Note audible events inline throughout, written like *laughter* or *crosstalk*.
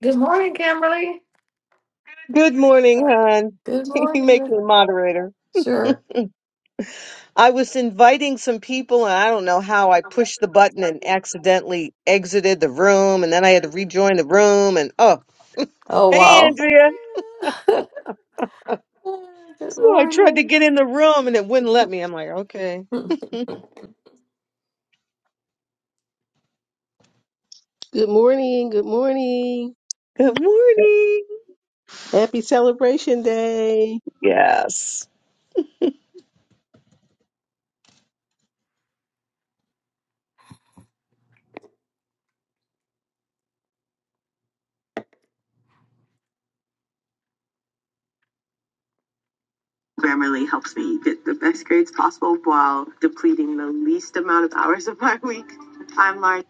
Good morning, Kimberly. Good morning, hon. Good *laughs* You make me morning. moderator. Sure. I was inviting some people, and I don't know how I pushed the button and accidentally exited the room, and then I had to rejoin the room. And oh, Oh, hey, wow. Andrea. *laughs* Good So I tried to morning. get in the room, and it wouldn't let me. I'm like, okay, Good morning. Good morning. good morning. Happy Celebration Day. Yes. Grammarly helps me get the best grades possible while depleting the least amount of hours of my week. I'm Lauren.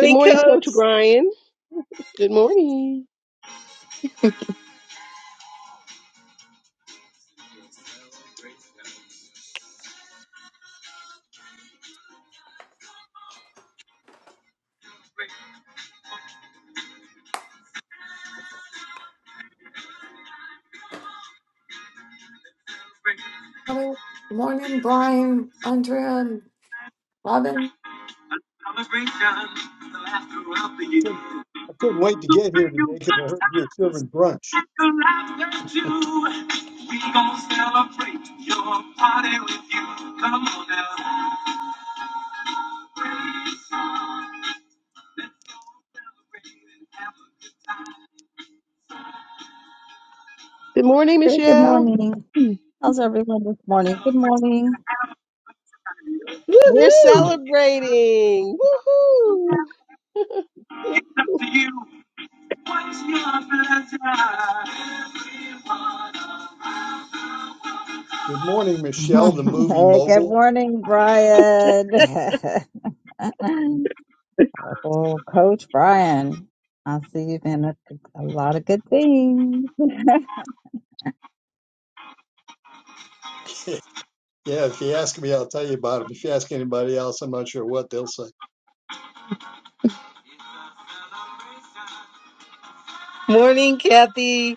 Good morning, Coach coach. Brian. Good morning. Robin. morning, Brian, Andrea, and Robin. couldn't, I couldn't wait to get here today because I heard you were serving brunch. Good morning, Hey, good Michelle. morning. How's everyone this morning? Good morning. We're *laughs* Woohoo. celebrating. Woohoo! Good morning, Michelle, the movie Hey, good mogul. morning, Brian. *laughs* Oh, Coach Brian. I see you've been a, a lot of good things. *laughs* Yeah, if you ask me, I'll tell you about it. If you ask anybody else, I'm not sure what they'll say. Morning, Kathy.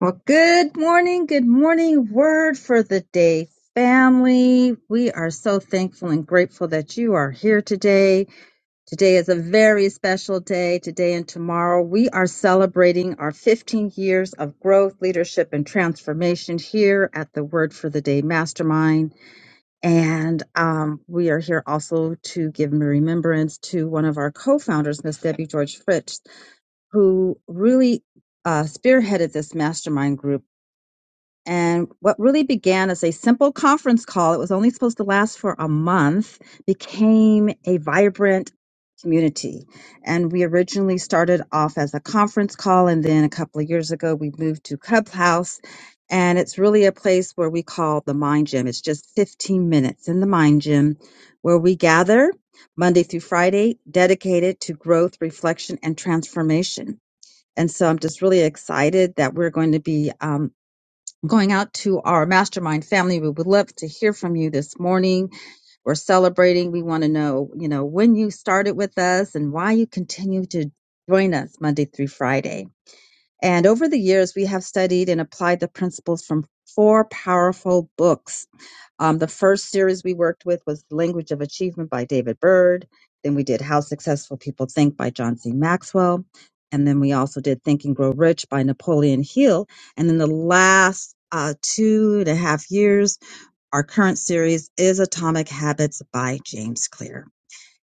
Well, good morning. Good morning. Word for the day, family. We are so thankful and grateful that you are here today. Today is a very special day. Today and tomorrow, we are celebrating our 15 years of growth, leadership, and transformation here at the Word for the Day Mastermind. And um, we are here also to give remembrance to one of our co founders, Miss Debbie George Fritz, who really uh, spearheaded this mastermind group and what really began as a simple conference call, it was only supposed to last for a month, became a vibrant community. And we originally started off as a conference call. And then a couple of years ago, we moved to Clubhouse. And it's really a place where we call the Mind Gym. It's just 15 minutes in the Mind Gym where we gather Monday through Friday, dedicated to growth, reflection, and transformation. And so I'm just really excited that we're going to be um, going out to our mastermind family. We would love to hear from you this morning. We're celebrating. We want to know, you know, when you started with us and why you continue to join us Monday through Friday. And over the years, we have studied and applied the principles from four powerful books um, the first series we worked with was The Language of Achievement by David Byrd. Then we did How Successful People Think by John C. Maxwell. And then we also did Think and Grow Rich by Napoleon Hill. And then the last uh, two and a half years, our current series is Atomic Habits by James Clear.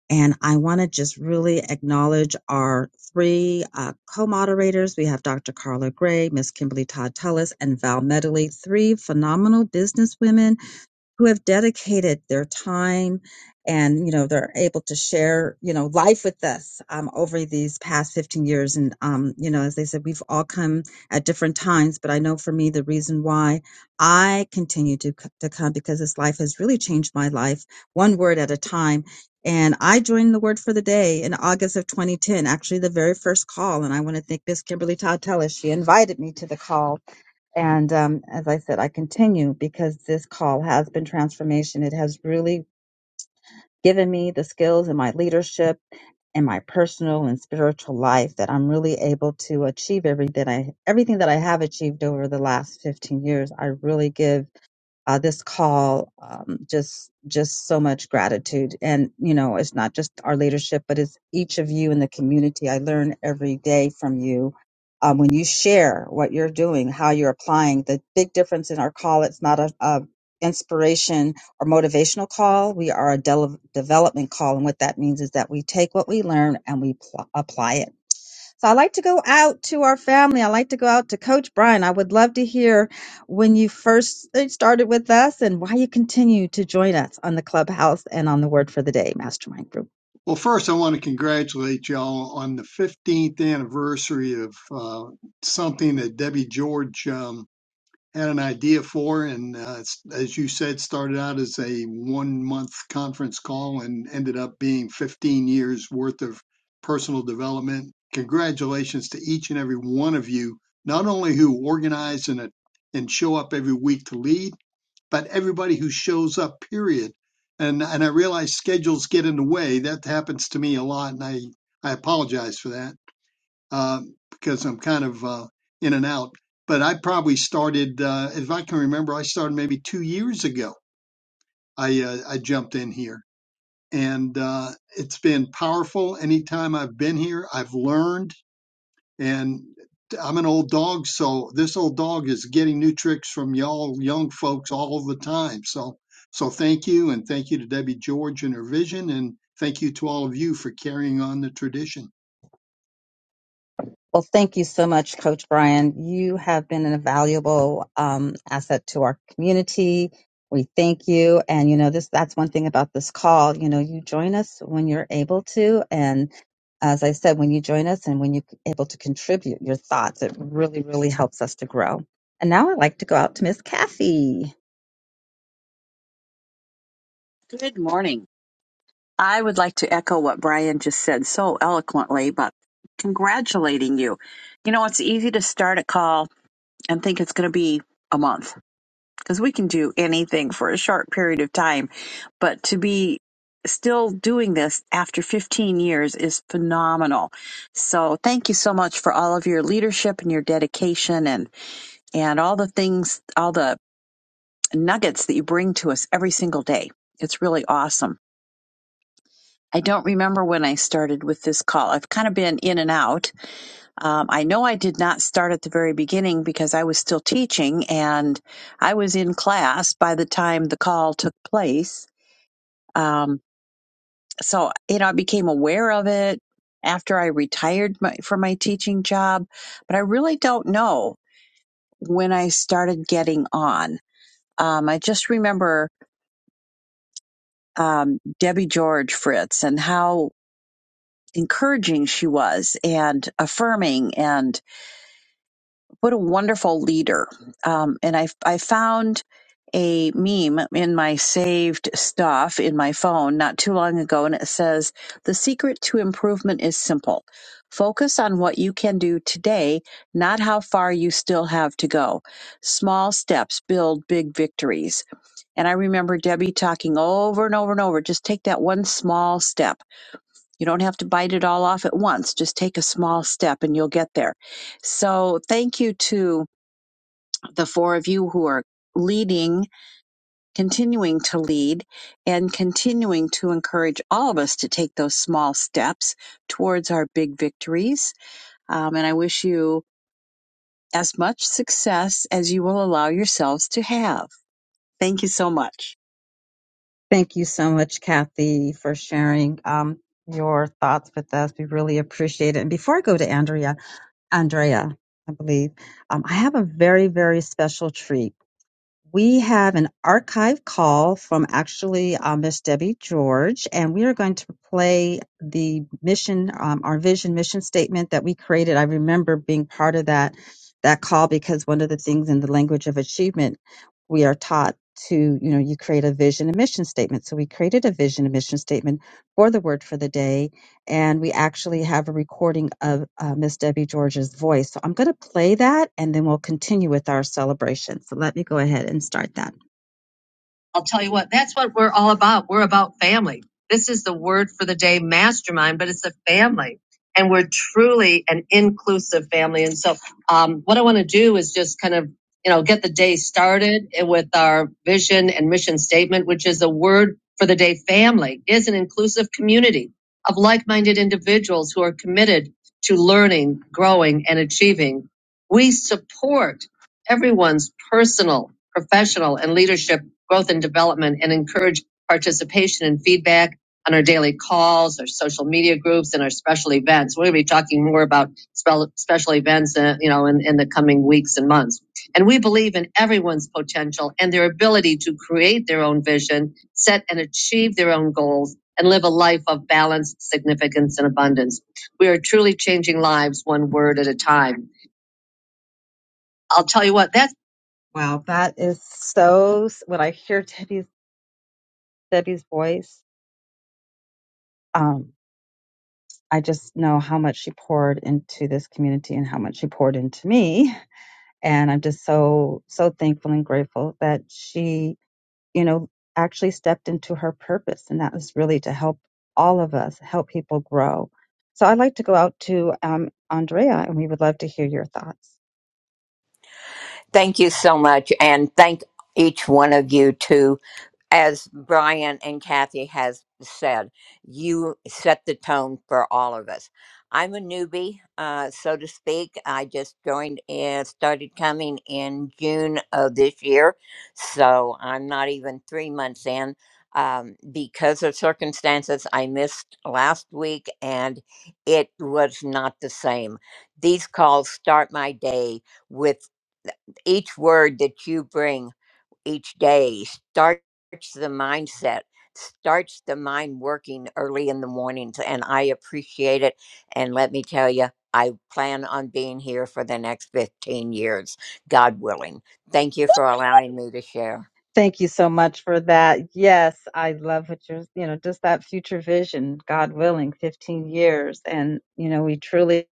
And I want to just really acknowledge our three uh, co-moderators. We have Dr. Carla Gray, Miss Kimberly Todd Tullis, and Val Medley, three phenomenal businesswomen who have dedicated their time and you know they're able to share you know life with us um, over these past 15 years and um, you know as they said we've all come at different times but i know for me the reason why i continue to, c- to come because this life has really changed my life one word at a time and i joined the word for the day in august of 2010 actually the very first call and i want to thank miss kimberly todd tellis she invited me to the call and um, as I said, I continue because this call has been transformation. It has really given me the skills in my leadership and my personal and spiritual life that I'm really able to achieve everything I everything that I have achieved over the last 15 years. I really give uh, this call um, just just so much gratitude and you know it's not just our leadership but it's each of you in the community i learn every day from you um, when you share what you're doing how you're applying the big difference in our call it's not a, a inspiration or motivational call we are a del development call and what that means is that we take what we learn and we pl- apply it so I like to go out to our family. I like to go out to Coach Brian. I would love to hear when you first uh, started with us and why you continue to join us on the Clubhouse and on the Word for the Day Mastermind Group. Well, first, I want to congratulate y'all on the 15th anniversary of uh, something that Debbie George um, had an idea for, and uh, s- as you said, started out as a one month conference call and ended up being 15 years worth of personal development. Congratulations to each and every one of you, not only who organize and, uh, and show up every week to lead, but everybody who shows up, period. And, and I realize schedules get in the way. That happens to me a lot, and I, I apologize for that um, because I'm kind of uh, in and out. But I probably started, uh, if I can remember, I started maybe two years ago. I uh, I jumped in here, and uh, it's been powerful. Anytime I've been here, I've learned and I'm an old dog, so this old dog is getting new tricks from y'all young folks all the time. So, so thank you, and thank you to Debbie George and her vision, and thank you to all of you for carrying on the tradition. Well, thank you so much, Coach Brian. You have been an invaluable um, asset to our community. We thank you. And, you know, this that's one thing about this call. You know, you join us when you're able to. And as I said, when you join us and when you're able to contribute your thoughts, it really, really helps us to grow. And now I'd like to go out to Miss Kathy. Good morning. I would like to echo what Brian just said so eloquently, but congratulating you. You know, it's easy to start a call and think it's going to be a month because we can do anything for a short period of time. But to be still doing this after 15 years is phenomenal. So thank you so much for all of your leadership and your dedication and, and all the things, all the nuggets that you bring to us every single day. It's really awesome. I don't remember when I started with this call. I've kind of been in and out. Um, I know I did not start at the very beginning because I was still teaching and I was in class by the time the call took place. Um, so, you know, I became aware of it after I retired my, from my teaching job, but I really don't know when I started getting on. Um, I just remember um, Debbie George Fritz and how encouraging she was and affirming. And what a wonderful leader. Um, and I, I found a meme in my saved stuff in my phone not too long ago, and it says, The secret to improvement is simple. Focus on what you can do today, not how far you still have to go. Small steps build big victories. And I remember Debbie talking over and over and over just take that one small step. You don't have to bite it all off at once. Just take a small step and you'll get there. So, thank you to the four of you who are leading, continuing to lead, and continuing to encourage all of us to take those small steps towards our big victories. Um, and I wish you as much success as you will allow yourselves to have. Thank you so much. Thank you so much, Kathy, for sharing um, your thoughts with us. We really appreciate it. And before I go to Andrea, Andrea, I believe um, I have a very, very special treat. We have an archive call from actually uh, Miss Debbie George, and we are going to play the mission, um, our vision mission statement that we created. I remember being part of that that call because one of the things in the language of achievement we are taught to, you know, you create a vision and mission statement. So we created a vision and mission statement for the word for the day and we actually have a recording of uh, Miss Debbie George's voice. So I'm going to play that and then we'll continue with our celebration. So let me go ahead and start that. I'll tell you what, that's what we're all about. We're about family. This is the word for the day mastermind, but it's a family. And we're truly an inclusive family. And so, um, what I want to do is just kind of, you know, get the day started with our vision and mission statement, which is the word for the day family is an inclusive community of like minded individuals who are committed to learning, growing, and achieving. We support everyone's personal, professional, and leadership growth and development and encourage participation and feedback on our daily calls, our social media groups, and our special events. We're going to be talking more about special events, uh, you know, in, in the coming weeks and months. And we believe in everyone's potential and their ability to create their own vision, set and achieve their own goals, and live a life of balance, significance, and abundance. We are truly changing lives one word at a time. I'll tell you what, that's Wow, that is so When I hear Debbie's Debbie's voice um, I just know how much she poured into this community and how much she poured into me. And I'm just so, so thankful and grateful that she, you know, actually stepped into her purpose. And that was really to help all of us, help people grow. So I'd like to go out to um, Andrea and we would love to hear your thoughts. Thank you so much, and thank each one of you too. As Brian and Kathy has said, you set the tone for all of us. I'm a newbie, uh, so to speak. I just joined and started coming in June of this year, so I'm not even three months in. Um, because of circumstances, I missed last week, and it was not the same. These calls start my day with each word that you bring each day starts the mindset starts the mind working early in the mornings and i appreciate it and let me tell you i plan on being here for the next 15 years god willing thank you for allowing me to share Thank you so much for that. Yes, I love what you're, you know, just that future vision, God willing, 15 years. And, you know, we truly,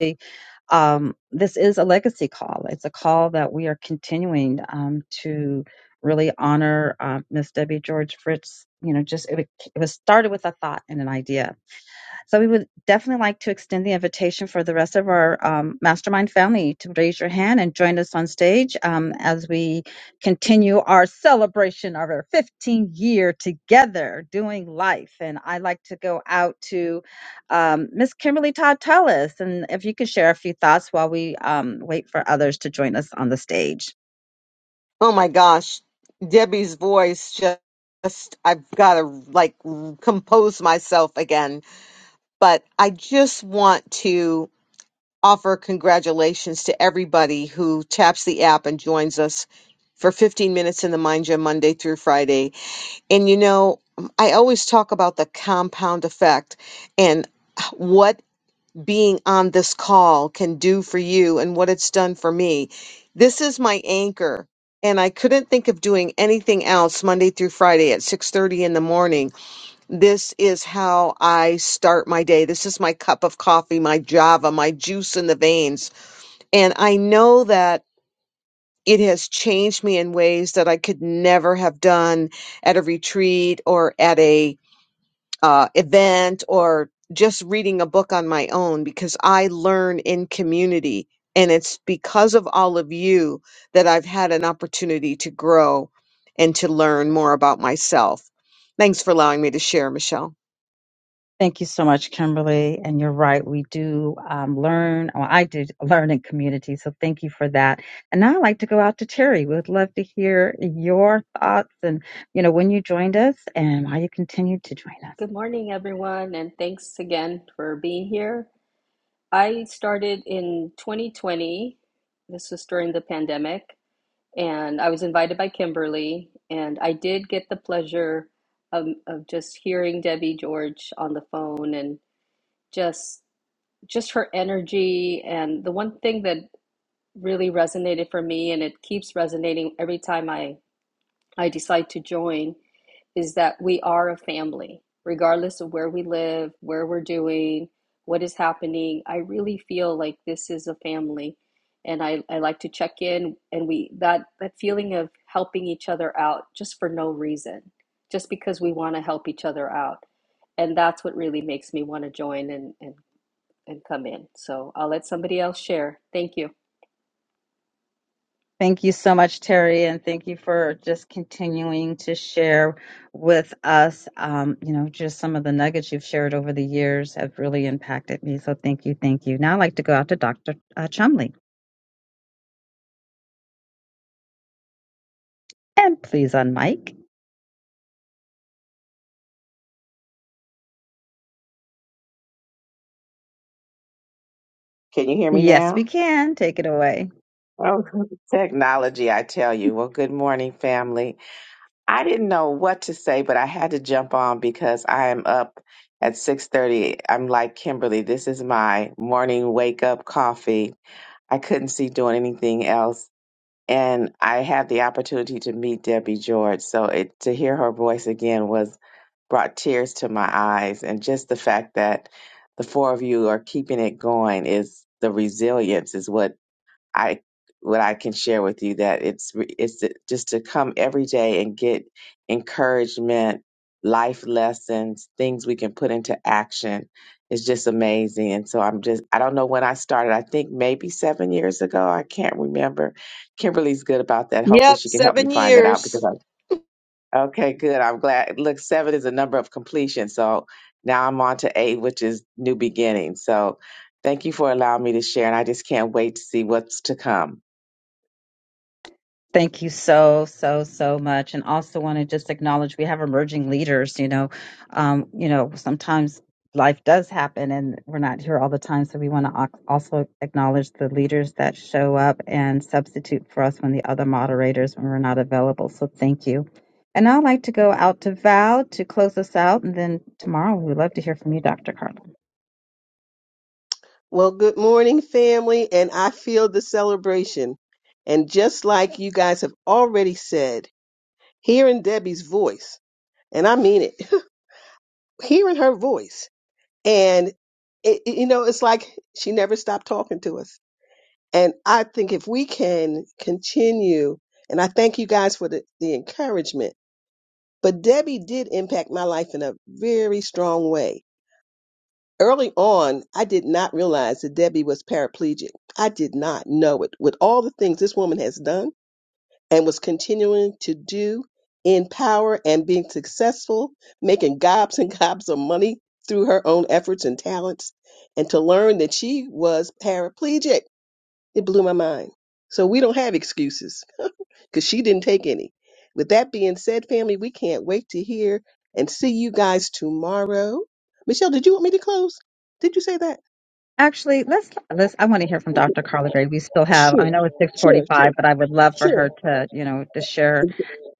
um, this is a legacy call. It's a call that we are continuing um, to really honor uh, Miss Debbie George Fritz. You know, just it, was- it was started with a thought and an idea so we would definitely like to extend the invitation for the rest of our um, mastermind family to raise your hand and join us on stage um, as we continue our celebration of our 15 year together doing life. And I'd like to go out to um, Miss Kimberly Todd Tellis, and if you could share a few thoughts while we um, wait for others to join us on the stage. Oh my gosh, Debbie's voice just, just I've got to like compose myself again. But I just want to offer congratulations to everybody who taps the app and joins us for 15 minutes in the Mind Gym Monday through Friday. And you know, I always talk about the compound effect and what being on this call can do for you and what it's done for me. This is my anchor and I couldn't think of doing anything else Monday through Friday at 6:30 in the morning. This is how I start my day. This is my cup of coffee, my java, my juice in the veins. And I know that it has changed me in ways that I could never have done at a retreat or at a uh, event or just reading a book on my own because I learn in community. And it's because of all of you that I've had an opportunity to grow and to learn more about myself. Thanks for allowing me to share, Michelle. Thank you so much, Kimberly. And you're right, we do um, learn. Well, I did *laughs* learn in community, so thank you for that. And now I'd like to go out to Terry. We would love to hear your thoughts and, you know, when you joined us and why you continued to join us. Good morning, everyone, and thanks again for being here. I started in 2020. This was during the pandemic, and I was invited by Kimberly, and I did get the pleasure of, of just hearing Debbie George on the phone and just just her energy. And the one thing that really resonated for me, and it keeps resonating every time I I decide to join, is that we are a family, regardless of where we live, where we're doing, what is happening. I really feel like this is a family. And I, I like to check in and we that that feeling of helping each other out just for no reason, just because we want to help each other out. And that's what really makes me want to join and, and, and come in. So I'll let somebody else share. Thank you. Thank you so much, Terry, and thank you for just continuing to share with us. Um, you know, just some of the nuggets you've shared over the years have really impacted me. So thank you, thank you. Now I'd like to go out to Dr. Uh, Chumley. And please unmic. Can you hear me Yes, we now? can. Take it away. Oh, *laughs* technology, I tell you. Well, good morning, family. I didn't know what to say, but I had to jump on because I am up at 6:30. I'm like Kimberly, this is my morning wake up coffee. I couldn't see doing anything else. And I had the opportunity to meet Debbie George. So it, to hear her voice again was brought tears to my eyes. And just the fact that the four of you are keeping it going is the resilience is what I what I can share with you that it's re- it's to- just to come every day and get encouragement, life lessons, things we can put into action. It's just amazing. And so I'm just I don't know when I started. I think maybe 7 years ago. I can't remember. Kimberly's good about that. Hopefully Yep, she can help me seven find that out years. because I Okay, good. I'm glad. Look, 7 is a number of completion. So now I'm on to 8, which is new beginning. So Thank you for allowing me to share, and I just can't wait to see what's to come. Thank you so, so, so much. And also want to just acknowledge we have emerging leaders, you know. Um, you know, sometimes life does happen and we're not here all the time. So we want to ac- also acknowledge the leaders that show up and substitute for us when the other moderators when we're not available. So thank you. And I'd like to go out to Val to close us out. And then tomorrow we would love to hear from you, Dr. Carlin. Well, good morning, family. And I feel the celebration. And just like you guys have already said, hearing Debbie's voice, and I mean it, *laughs* hearing her voice. And, it, it- you know, it's like she never stopped talking to us. And I think if we can continue, and I thank you guys for the, the encouragement, but Debbie did impact my life in a very strong way. Early on, I did not realize that Debbie was paraplegic. I did not know it. With all the things this woman has done and was continuing to do in power and being successful, making gobs and *laughs* gobs of money through her own efforts and talents, and to learn that she was paraplegic. It blew my mind. So we don't have excuses *laughs* because she didn't take any. With that being said, family, we can't wait to hear and see you guys tomorrow. Michelle, did you want me to close? Did you say that? Actually, let's let's. I want to hear from Dr. Carla Gray. We still have. I Sure, know it's six sure, sure, forty-five, but I would love for sure. her to, you know, to share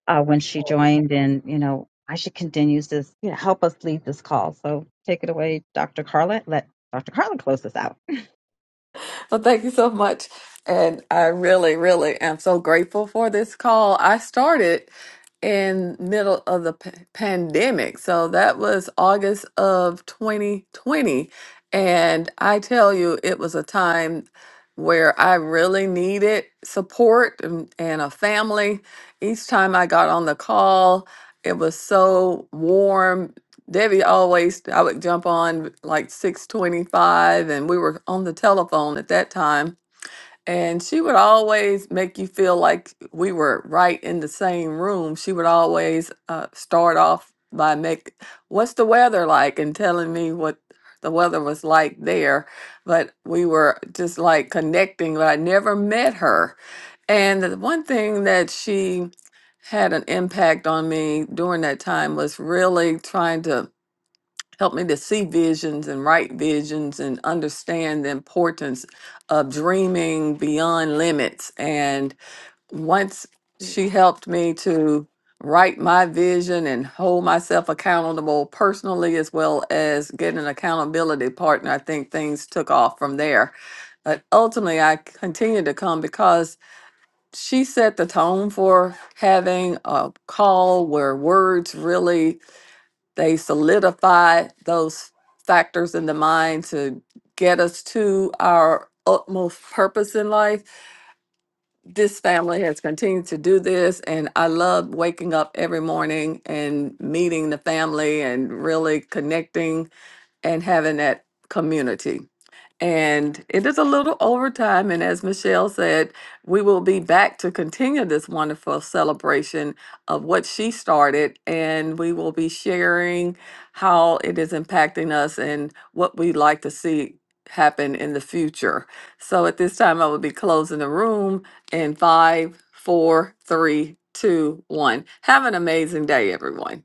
uh, when she joined, and you know, why she continues to you know, help us lead this call. So take it away, Dr. Carla. Let Dr. Carla close this out. Well, thank you so much. And I really, really am so grateful for this call. I started in middle of the p- pandemic. So that was August of 2020. And I tell you, it was a time where I really needed support and, and a family. Each time I got on the call, it was so warm Debbie always, I would jump on like 625 and we were on the telephone at that time. And she would always make you feel like we were right in the same room. She would always uh, start off by make, what's the weather like? And telling me what the weather was like there. But we were just like connecting, but I never met her. And the one thing that she had an impact on me during that time was really trying to Help me to see visions and write visions and understand the importance of dreaming beyond limits. And once she helped me to write my vision and hold myself accountable personally as well as get an accountability partner, I think things took off from there. But ultimately, I continued to come because she set the tone for having a call where words really they solidify those factors in the mind to get us to our utmost purpose in life. This family has continued to do this, and I love waking up every morning and meeting the family and really connecting and having that community. And it is a little overtime. And as Michelle said, we will be back to continue this wonderful celebration of what she started. And we will be sharing how it is impacting us and what we'd like to see happen in the future. So at this time, I will be closing the room in five, four, three, two, one. Have an amazing day, everyone.